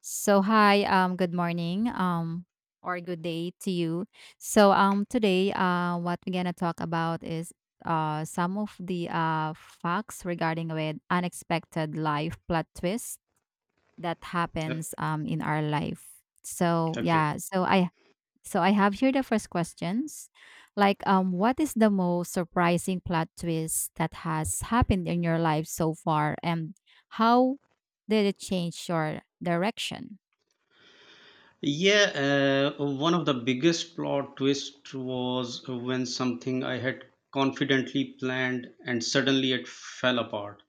So hi, good morning, or good day to you. So today, what we're gonna talk about is some of the facts regarding with unexpected life plot twist that O- happens in our life. So Okay. yeah, so I have here the first questions, like what is the most surprising plot twist that has happened in your life so far, and how did it change your direction? Yeah, one of the biggest plot twists was when something I had confidently planned and suddenly it fell apart.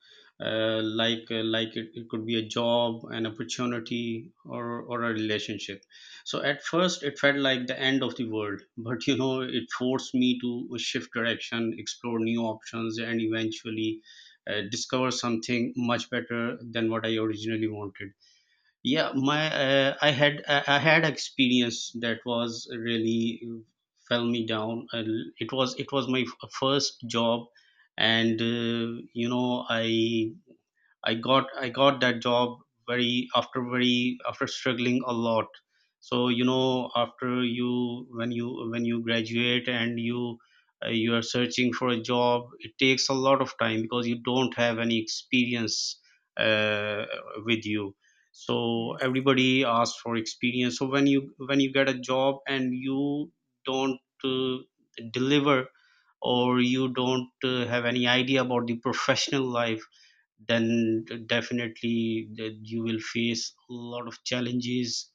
Like it could be a job, an opportunity, or a relationship. So at first it felt like the end of the world, but you know it forced me to shift direction, explore new options, and eventually discover something much better than what I originally wanted. Yeah, Mhm. my I had I had experience that was really fell me down. It was my first job, and you know I got that job very after struggling a lot. So you know after you, when you graduate and you you are searching for a job, it takes a lot of time because you don't have any experience uh, with you. So Yes. everybody asks for experience. So when you get a job and you don't uh, deliver, or you don't have any idea about the professional life, then definitely that you will face a lot of challenges.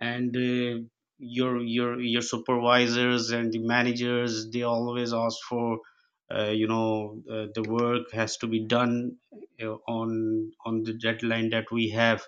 And your supervisors and the managers, they always ask for the work has to be done on the deadline that we have.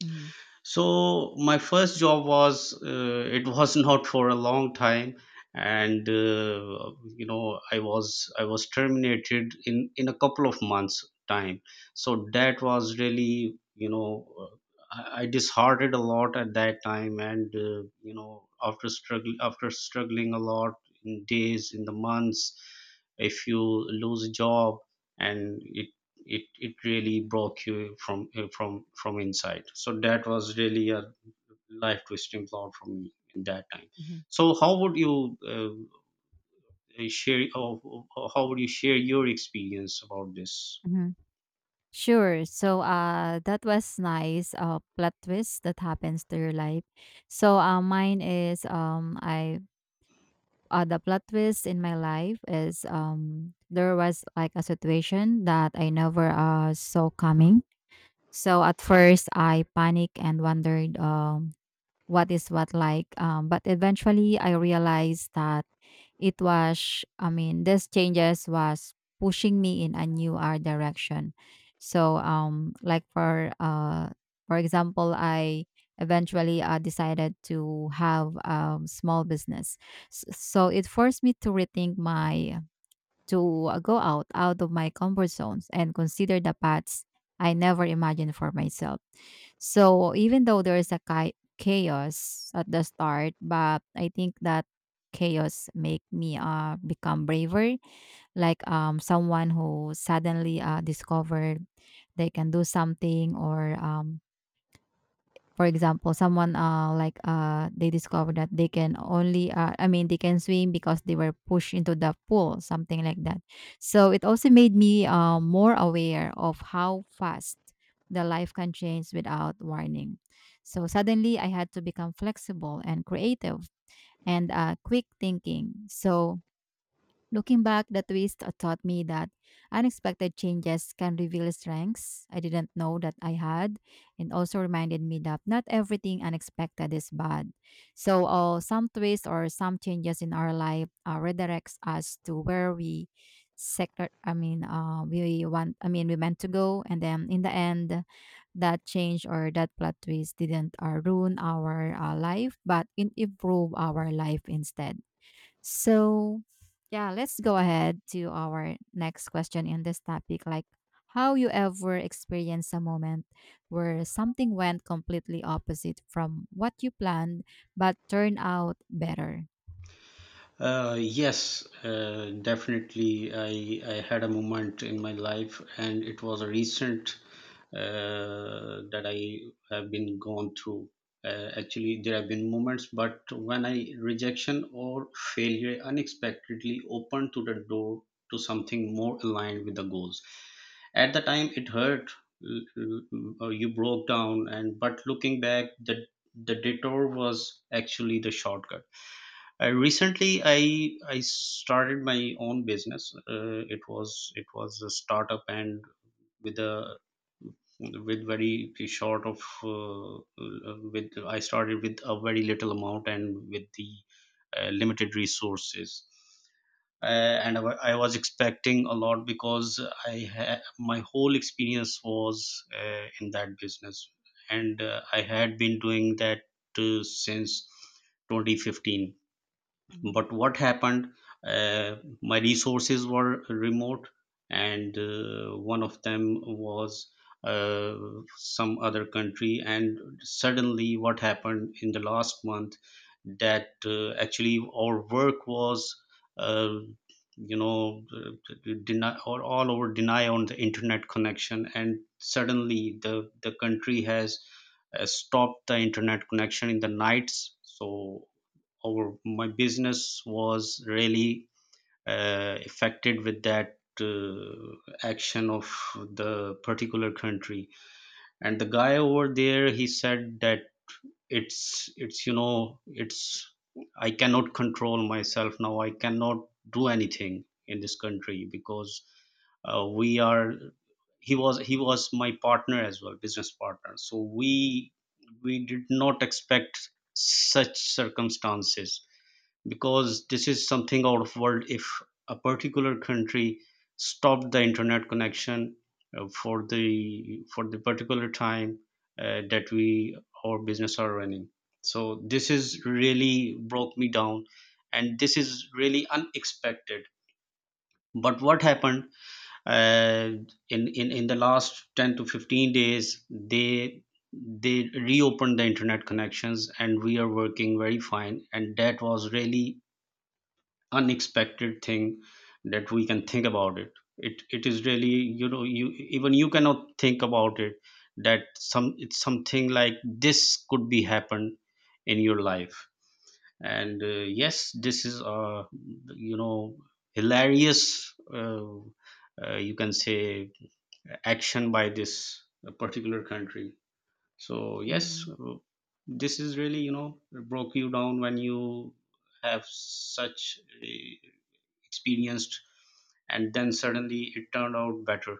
Mhm, So my first job was, it was not for a long time, and you know I was terminated in a couple of months time. So that was really, you know, I disheartened a lot at that time, and you know after struggle after struggling a lot, in days, in the months, if you lose a job, and it really broke you from from inside. So that was really a life twisting plot for me in that time. mhm, So how would you share, or how would you share your experience about this? mhm. Sure. So that was nice plot twist that happens to your life. So mine is I the plot twist in my life is there was like a situation that I never saw coming. So at first I panicked and wondered, what is what like, but eventually I realized that it was, I mean, these changes was pushing me in a new, direction. So, like for example, I eventually, decided to have, small business. So it forced me to rethink my to go out of my comfort zones and consider the paths I never imagined for myself. So even though there is a chaos at the start, but I think that chaos make me become braver, like someone who suddenly discovered they can do something, or for example, someone they discovered that they can only I mean they can swim because they were pushed into the pool, something like that. So it also made me more aware of how fast the life can change without warning. So suddenly I had to become flexible and creative, and quick thinking. So, looking back, the twist taught me that unexpected changes can reveal strengths I didn't know that I had, and also reminded me that not everything unexpected is bad. So, some twists or some changes in our life redirects us to where we sector. I mean, we want. I mean, we meant to go, and then in the end, that change or that plot twist didn't ruin our, life, but it improved our life instead. So, yeah, let's go ahead to our next question in this topic, like how you ever experience a moment where something went completely opposite from what you planned but turned out better. Yes, definitely. I had a moment in my life, and it was a recent that I have been gone through. Actually, there have been moments, but when I rejection or failure unexpectedly opened to the door to something more aligned with the goals. At the time, it hurt. l- You broke down, and but looking back, the detour was actually the shortcut. Recently, I started my own business. It was a startup, and with a, with very short of with, I started with a very little amount and with the limited resources. Uh, and I was expecting a lot because my whole experience was in that business, and I had been doing that since 2015. Mm-hmm. But what happened, uh, my resources were remote, and one of them was uh, some other country, and suddenly what happened in the last month, that actually our work was uh, deny, or all over deny on the internet connection, and suddenly the country has stopped the internet connection in the nights. So our my business was really affected with that action of the particular country. And the guy over there, he said that it's you know, it's I cannot control myself now, I cannot do anything in this country, because we are he was, my partner as well, business partner. So we did not expect such circumstances, because this is something out of world, if a particular country stopped the internet connection for the particular time that we, our business are running. So this is really broke me down, and this is really unexpected. But what happened, uh, in the last 10 to 15 days, they reopened the internet connections, and we are working very fine. And that was really unexpected thing that we can think about it it It is really, you know, you even you cannot think about it, that some it's something like this could be happen in your life. And yes, this is a, you know, hilarious you can say, action by this particular country. So yes, Mhm. This is really, you know, broke you down when you have such a experienced, and then suddenly it turned out better.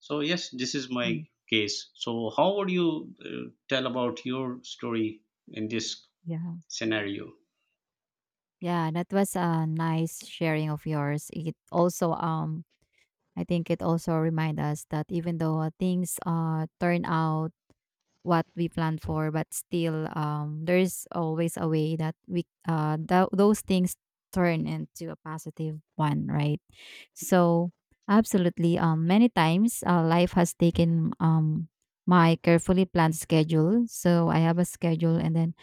So yes, this is my case. So how would you uh, tell about your story in this Yeah. scenario? Yeah, that was a nice sharing of yours. It also, I think it also remind us that even though, things turn out what we planned for, but still there is always a way that we those things turn into a positive one, right? So absolutely, many times, life has taken my carefully planned schedule. So I have a schedule, and then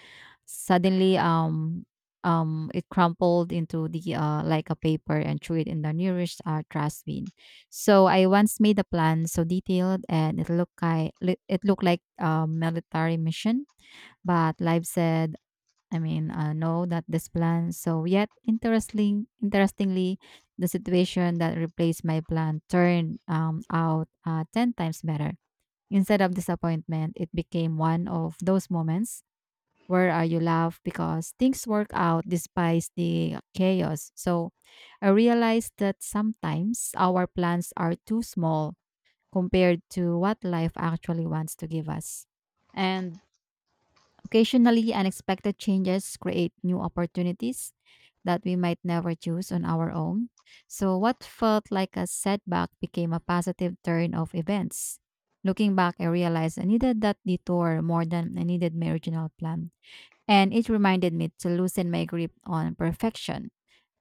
suddenly, it crumpled into the, like a paper, and threw it in the nearest trash bin. So I once made a plan so detailed, and it looked like a military mission. But life said, I mean, no, not this plan. So yet, interestingly, the situation that replaced my plan turned, out 10 times better. Instead of disappointment, it became one of those moments where, you laugh because things work out despite the chaos. So I realized that sometimes our plans are too small compared to what life actually wants to give us. And occasionally, unexpected changes create new opportunities that we might never choose on our own. So, what felt like a setback became a positive turn of events. Looking back, I realized I needed that detour more than I needed my original plan. And it reminded me to loosen my grip on perfection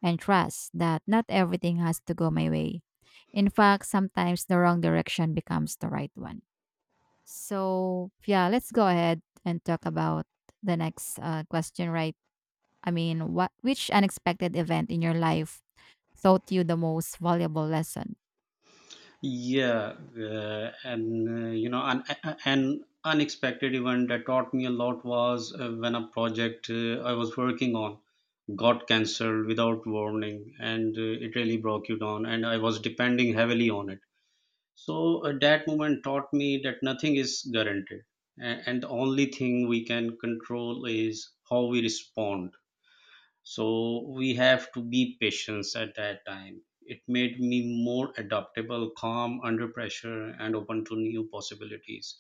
and trust that not everything has to go my way. In fact, sometimes the wrong direction becomes the right one. So, yeah, let's go ahead and talk about the next, question, right? I mean, what which unexpected event in your life taught you the most valuable lesson? Yeah, and you know, an, an unexpected event that taught me a lot was when a project I was working on got cancelled without warning, and it really broke you down, and I was depending heavily on it. So that moment taught me that nothing is guaranteed, and the only thing we can control is how we respond. So we have to be patient at that time. It made me more adaptable, calm under pressure, and open to new possibilities.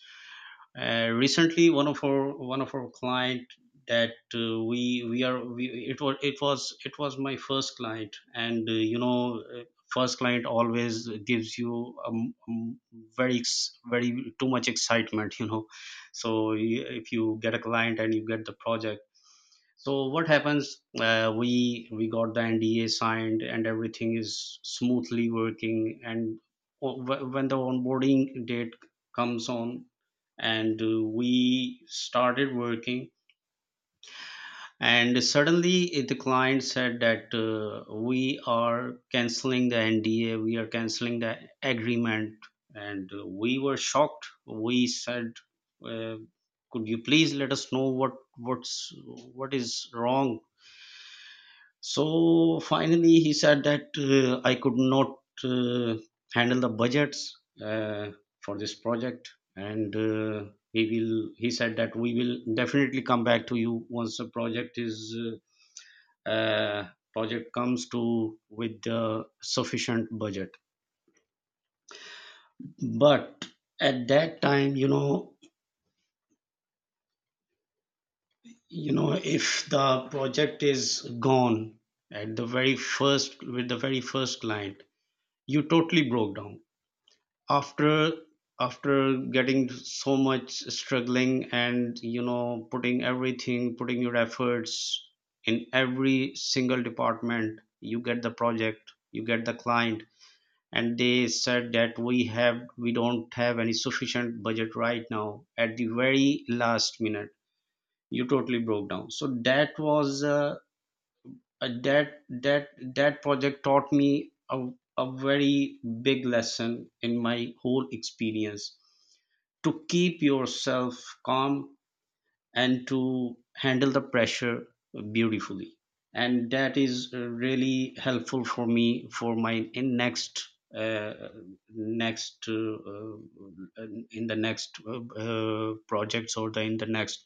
Recently, one of our client, that it was my first client, and you know, first client always gives you very very too much excitement, you know. So if you get a client and you get the project, so what happens? We got the NDA signed, and everything is smoothly working. And when the onboarding date comes on and we started working, and suddenly the client said that we are canceling the nda, we are canceling the agreement. And we were shocked, we said, uh, could you please let us know what what is wrong? So finally, he said that I could not uh, handle the budgets uh, for this project, and he will, he said that we will definitely come back to you once the project is project comes to with the sufficient budget. But at that time, you know, if the project is gone at the very first with the very first client, you totally broke down after getting so much struggling, and you know, putting everything, putting your efforts in every single department, you get the project, you get the client, and they said that we have, we don't have any sufficient budget right now at the very last minute, you totally broke down. So that was uh, that that that project taught me a very big lesson in my whole experience, to keep yourself calm and to handle the pressure beautifully. And that is really helpful for me, for my in next uh, in the next projects, or the in the next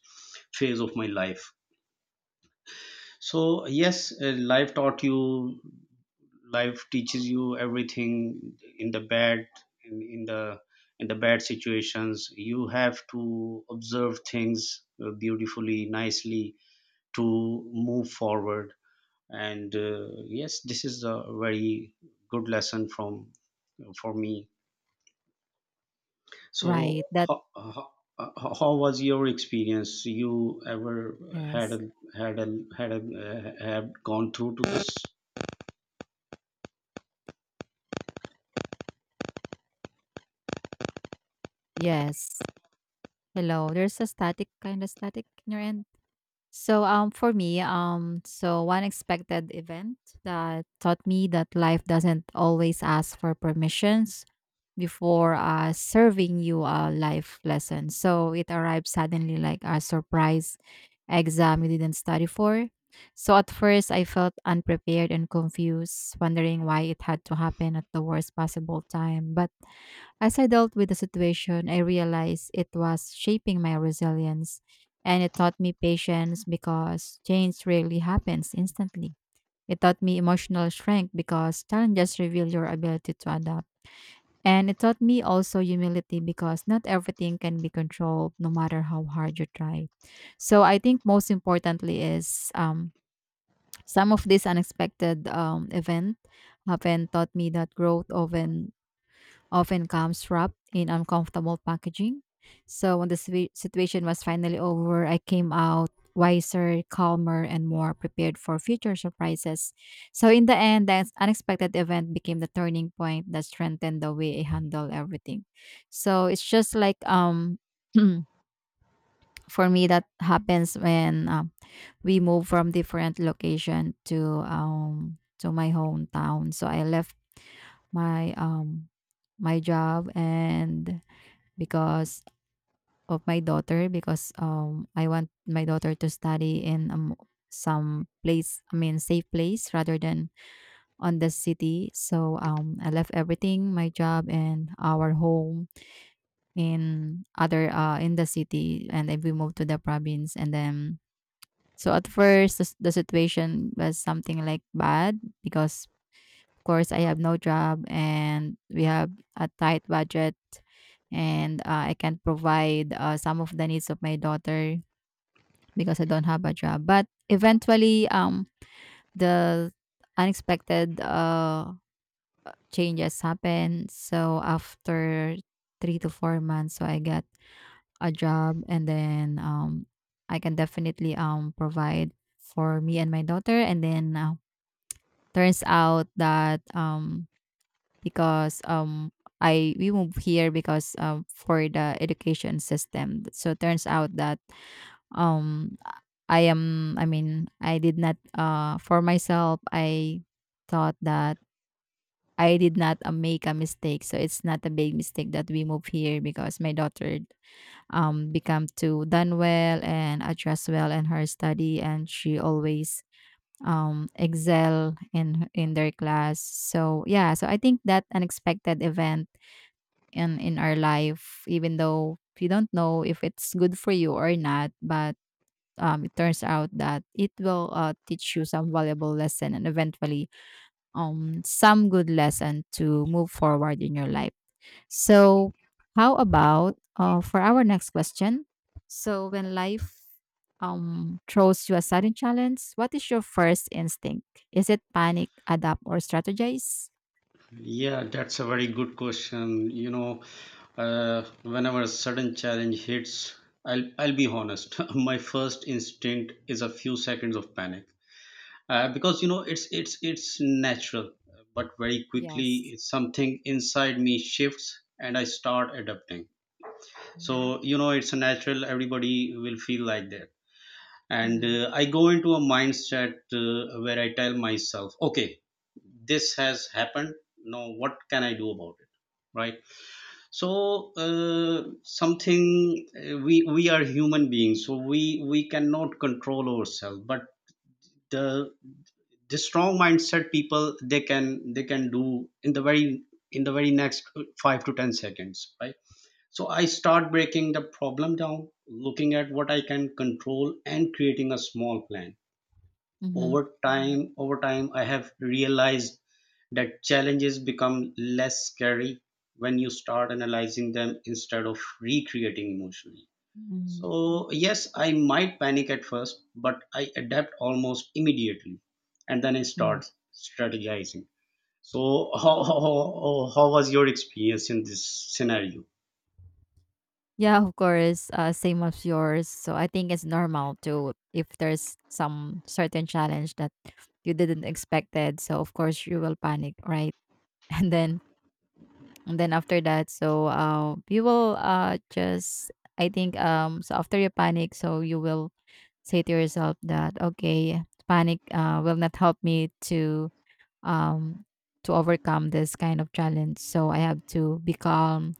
phase of my life. So yes, life taught you, life teaches you everything in the bad, in, in the in the bad situations, you have to observe things beautifully, nicely, to move forward. And yes, this is a very good lesson from, for me. So Right. That how was your experience, you ever had a Yes. had a had a have gone through to this? Yes. Hello. There's a static kind of static in your end. So for me, so one expected event that taught me that life doesn't always ask for permissions before serving you a life lesson. So it arrived suddenly like a surprise exam you didn't study for. So at first I felt unprepared and confused, wondering why it had to happen at the worst possible time. But as I dealt with the situation, I realized it was shaping my resilience, and it taught me patience because change rarely happens instantly. It taught me emotional strength because challenges reveal your ability to adapt. And it taught me also humility because not everything can be controlled no matter how hard you try. So I think most importantly is, some of these unexpected, event have taught me that growth often comes wrapped in uncomfortable packaging. So when the situation was finally over, I came out wiser, calmer, and more prepared for future surprises. So in the end, that unexpected event became the turning point that strengthened the way I handle everything. So it's just like for me that happens when, we moved from different location to my hometown. So I left my um my job, and because of my daughter, because I want my daughter to study in, some place, I mean safe place, rather than on the city. So I left everything, my job and our home in other, in the city, and then we moved to the province, and then so at first the situation was something like bad because course, I have no job, and we have a tight budget, and I can't provide some of the needs of my daughter because I don't have a job. But eventually, the unexpected, changes happen. So after 3 to 4 months, so I got a job, and then, I can definitely provide for me and my daughter, and then. Turns out that because I we moved here because for the education system. So turns out that um I mean I did not, for myself I thought that I did not, make a mistake. So it's not a big mistake that we moved here because my daughter, become to done well and address well in her study, and she always excel in their class. So yeah, so I think that unexpected event in our life, even though you don't know if it's good for you or not. But it turns out that it will, teach you some valuable lesson, and eventually, some good lesson to move forward in your life. So how about, for our next question? So when life throws you a sudden challenge, what is your first instinct? Is it panic, adapt, or strategize? Yeah, that's a very good question. You know, whenever a sudden challenge hits, I'll be honest. My first instinct is a few seconds of panic, because you know it's natural. But very Yes. quickly, something inside me shifts, and I start adapting. Mm-hmm. So you know, it's a natural. Everybody will feel like that, and I go into a mindset where I tell myself, okay, this has happened, now what can I do about it, right? So something we are human beings, so we cannot control ourselves, but the the strong mindset people, they can, do in the very next 5 to 10 seconds, right? So I start breaking the problem down, looking at what I can control and creating a small plan. Mm-hmm. Over time, I have realized that challenges become less scary when you start analyzing them instead of recreating emotionally. Mm-hmm. So yes, I might panic at first, but I adapt almost immediately, and then I start strategizing. So how was your experience in this scenario? Yeah, of course, same as yours. So I think it's normal to if there's some certain challenge that you didn't expected. So of course you will panic, right? And then and then after that, so you will just, I think, so after you panic, so you will say to yourself that okay, panic will not help me to, um to overcome this kind of challenge. So I have to be calm,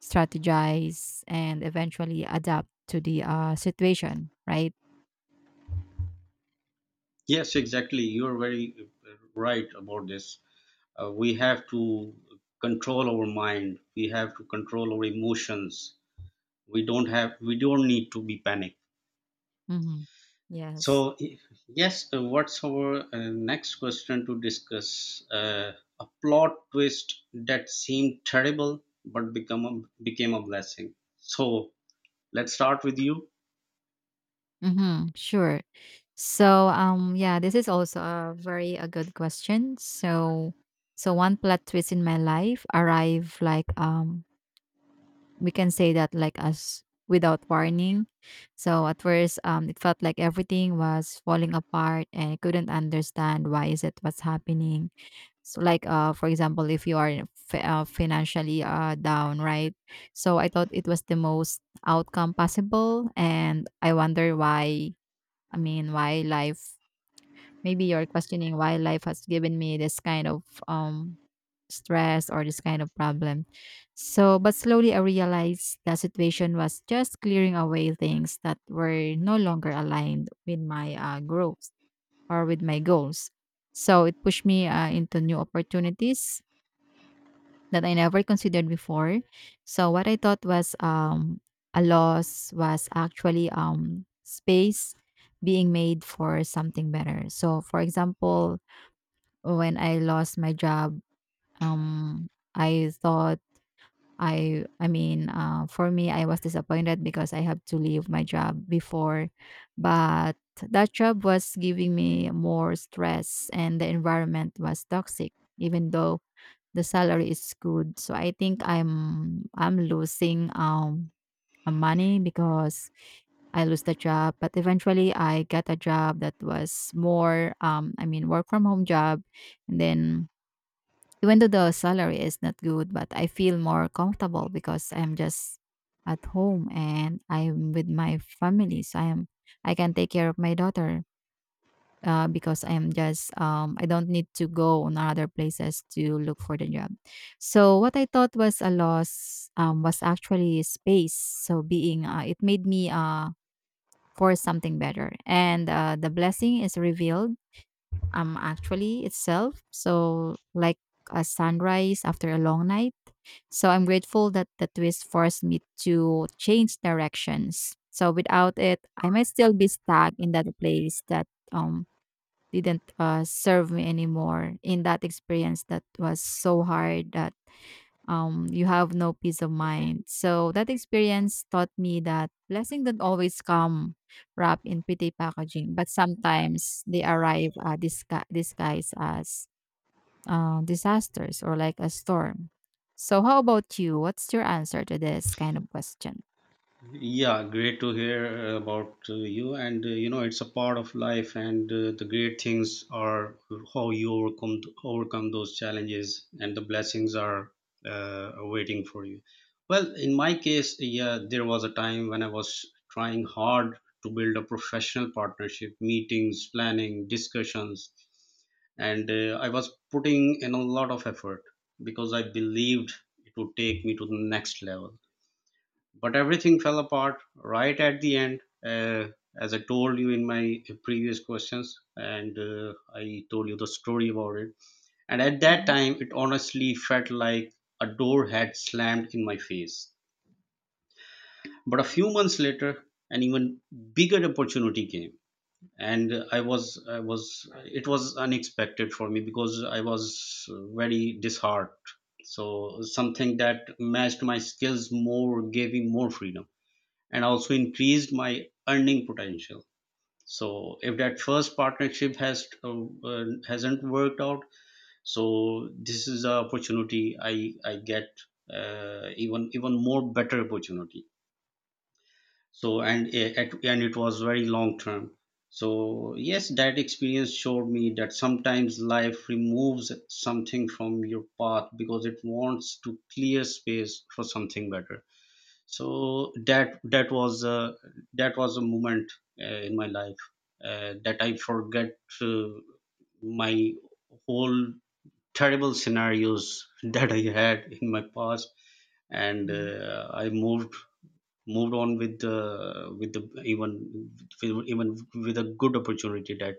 strategize, and eventually adapt to the, situation, right? Yes, exactly, you're very right about this. We have to control our mind, we have to control our emotions, we don't need to be panicked. Mm-hmm. so Yes. i- yes, what's our next question to discuss? A plot twist that seemed terrible but became a blessing. So let's start with you. Mm-hmm, sure. So, yeah, this is also a very a good question. So, so one plot twist in my life arrived, like we can say that, like us without warning. So at first, it felt like everything was falling apart, and I couldn't understand why is it what's happening. So like, for example, if you are financially down, right? So I thought it was the most outcome possible, and I wonder why, I mean, why life, maybe you're questioning why life has given me this kind of, stress or this kind of problem. So but slowly I realized the situation was just clearing away things that were no longer aligned with my, growth or with my goals. So it pushed me, into new opportunities that I never considered before. So what I thought was a loss was actually space being made for something better. So for example, when I lost my job, um I thought, I mean, for me, I was disappointed because I have to leave my job before, but that job was giving me more stress, and the environment was toxic. Even though the salary is good, so I think I'm losing money because I lose the job. But eventually, I got a job that was more work from home job, and then even though the salary is not good, but I feel more comfortable because I'm just at home and I'm with my family. I can take care of my daughter because I'm just I don't need to go on other places to look for the job. So what I thought was a loss was actually space. So being it made me for something better, and the blessing is revealed actually itself. So like a sunrise after a long night, so I'm grateful that the twist forced me to change directions. So without it, I might still be stuck in that place that didn't serve me anymore. In that experience that was so hard that you have no peace of mind. So that experience taught me that blessings don't always come wrapped in pretty packaging, but sometimes they arrive disguised as disasters or like a storm. So, how about you? What's your answer to this kind of question? Yeah, great to hear about you. And you know, it's a part of life, and the great things are how you overcome those challenges, and the blessings are waiting for you. Well, in my case, yeah, there was a time when I was trying hard to build a professional partnership, meetings, planning, discussions, and I was putting in a lot of effort because I believed it would take me to the next level, but everything fell apart right at the end. uh, as I told you in my previous questions, and I told you the story about it. And at that Mhm. time it honestly felt like a door had slammed in my face, but a few months later an even bigger opportunity came. And I was it was unexpected for me because I was very disheartened. So something that matched my skills more, gave me more freedom, and also increased my earning potential. So if that first partnership hasn't worked out, so this is the opportunity I get, even more better opportunity. So and it was very long term. So yes, that experience showed me that sometimes life removes something from your path because it wants to clear space for something better. So that was that was a moment in my life that I forget my whole terrible scenarios that I had in my past. And Mm. I moved on with the even even with a good opportunity that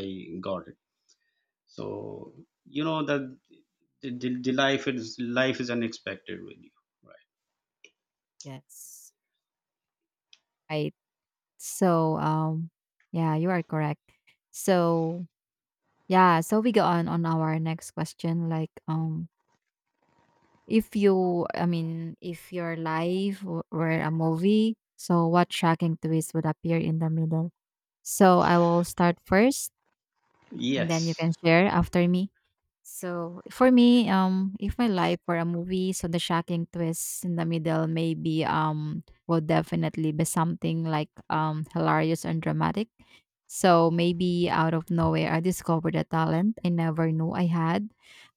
I got it. So you know that the life is, life is unexpected with you, right? Yes. Right. So, yeah, you are correct. So, yeah, so we go on our next question. Like, if your life were a movie, so what shocking twist would appear in the middle? So, I will start first, and then you Yes. can share after me. So for me, if my life were a movie, so the shocking twists in the middle maybe will definitely be something like hilarious and dramatic. So maybe out of nowhere, I discovered a talent I never knew I had,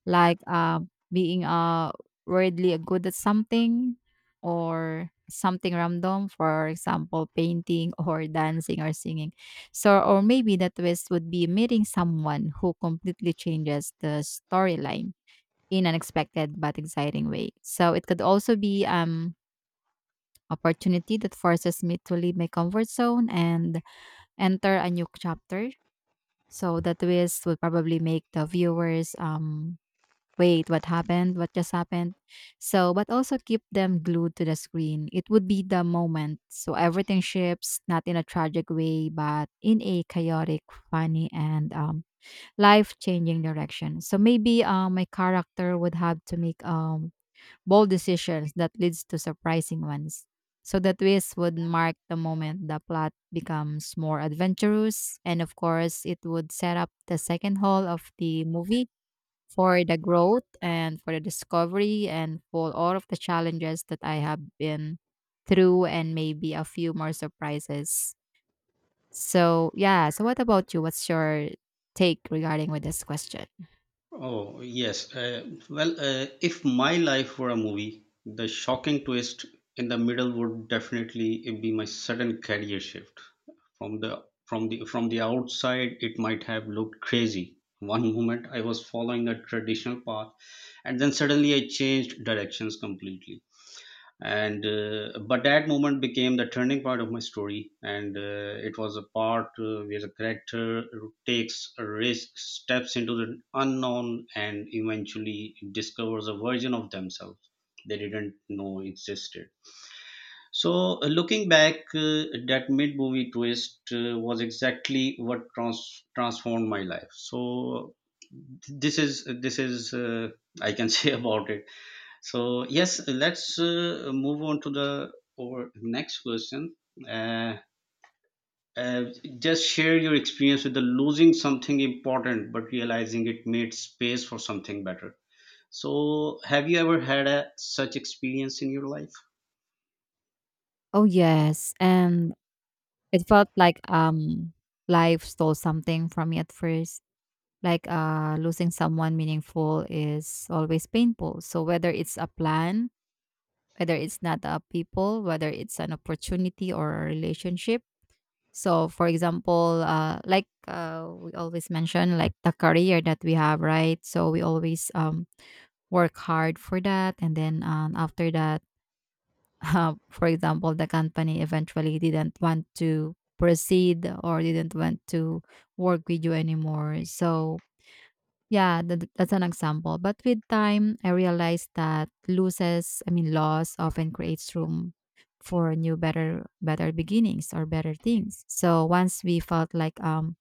like being weirdly good at something, or something random, for example, painting or dancing or singing. So, or maybe the twist would be meeting someone who completely changes the storyline in an unexpected but exciting way. So, it could also be opportunity that forces me to leave my comfort zone and enter a new chapter. So, the twist would probably make the viewers wait, what happened? What just happened? So, but also keep them glued to the screen. It would be the moment. So everything shifts, not in a tragic way, but in a chaotic, funny, and life-changing direction. So maybe my character would have to make bold decisions that leads to surprising ones. So the twist would mark the moment the plot becomes more adventurous, and of course, it would set up the second hall of the movie for the growth and for the discovery and for all of the challenges that I have been through and maybe a few more surprises. So, yeah, so what about you? What's your take regarding with this question? Oh, yes. Well, if my life were a movie, the shocking twist in the middle would definitely be my sudden career shift. From the outside, it might have looked crazy. One moment I was following a traditional path, and then suddenly I changed directions completely. And But that moment became the turning point of my story. And it was a part where the character takes a risk, steps into the unknown, and eventually discovers a version of themselves they didn't know existed. So looking back, that mid movie twist was exactly what transformed my life. So this is I can say about it. So yes, let's move on to the or next question. Uh, uh, just share your experience with the losing something important but realizing it made space for something better. So have you ever had a such experience in your life? Oh, yes. And it felt like life stole something from me at first. Like losing someone meaningful is always painful. So whether it's a plan, whether it's not a people, whether it's an opportunity or a relationship. So, for example, we always mention, like the career that we have, right? So we always work hard for that, and then after that, for example, the company eventually didn't want to proceed or didn't want to work with you anymore. So yeah, that's an example. But with time, I realized that loss often creates room for new, better, better beginnings or better things. So once we felt like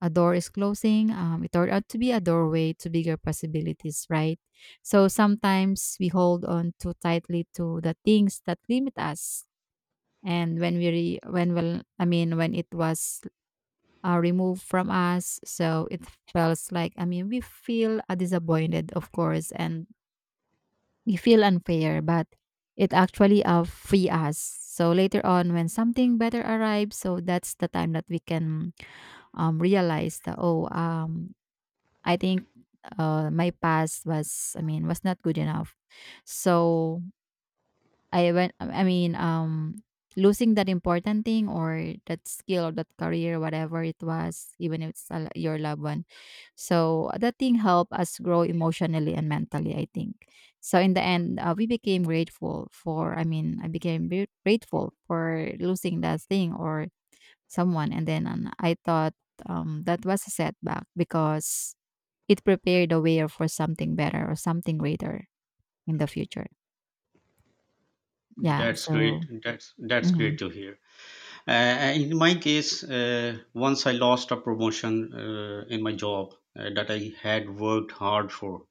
a door is closing, it turned out to be a doorway to bigger possibilities, right? So sometimes we hold on too tightly to the things that limit us, and when we re- when well, I mean, when it was removed from us. So it feels like, we feel disappointed, of course, and we feel unfair, but it actually free us. So later on, when something better arrives, so that's the time that we can realize that, oh, I think my past was, I mean, was not good enough. So I went I mean, losing that important thing or that skill or that career, whatever it was, even if it's a your loved one. So that thing helped us grow emotionally and mentally, I think. So in the end, we became grateful for, I mean, I became very grateful for losing that thing or someone. And then I thought that was a setback because it prepared the way for something better or something greater in the future. Yeah. That's So, great. That's mm-hmm. great to hear. In my case, once I lost a promotion in my job that I had worked hard for,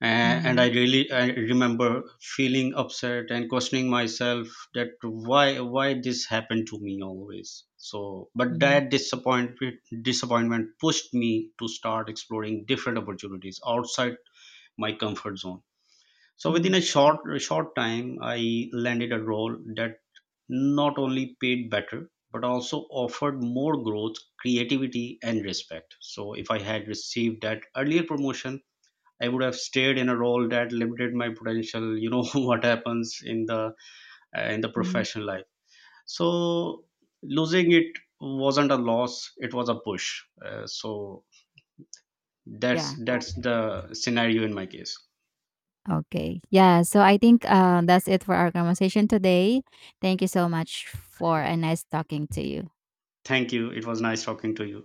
and Mm-hmm. I remember feeling upset and questioning myself that why this happened to me always. So but Mhm, that disappointment pushed me to start exploring different opportunities outside my comfort zone. So within mhm, a short time I landed a role that not only paid better but also offered more growth, creativity, and respect. So if I had received that earlier promotion, I would have stayed in a role that limited my potential. You know what happens in the mhm. professional life. So losing it wasn't a loss; it was a push. So Yeah, that's right. that's the scenario in my case. Okay. Yeah, so I think that's it for our conversation today. Thank you so much for a nice talking to you. Thank you. It was nice talking to you.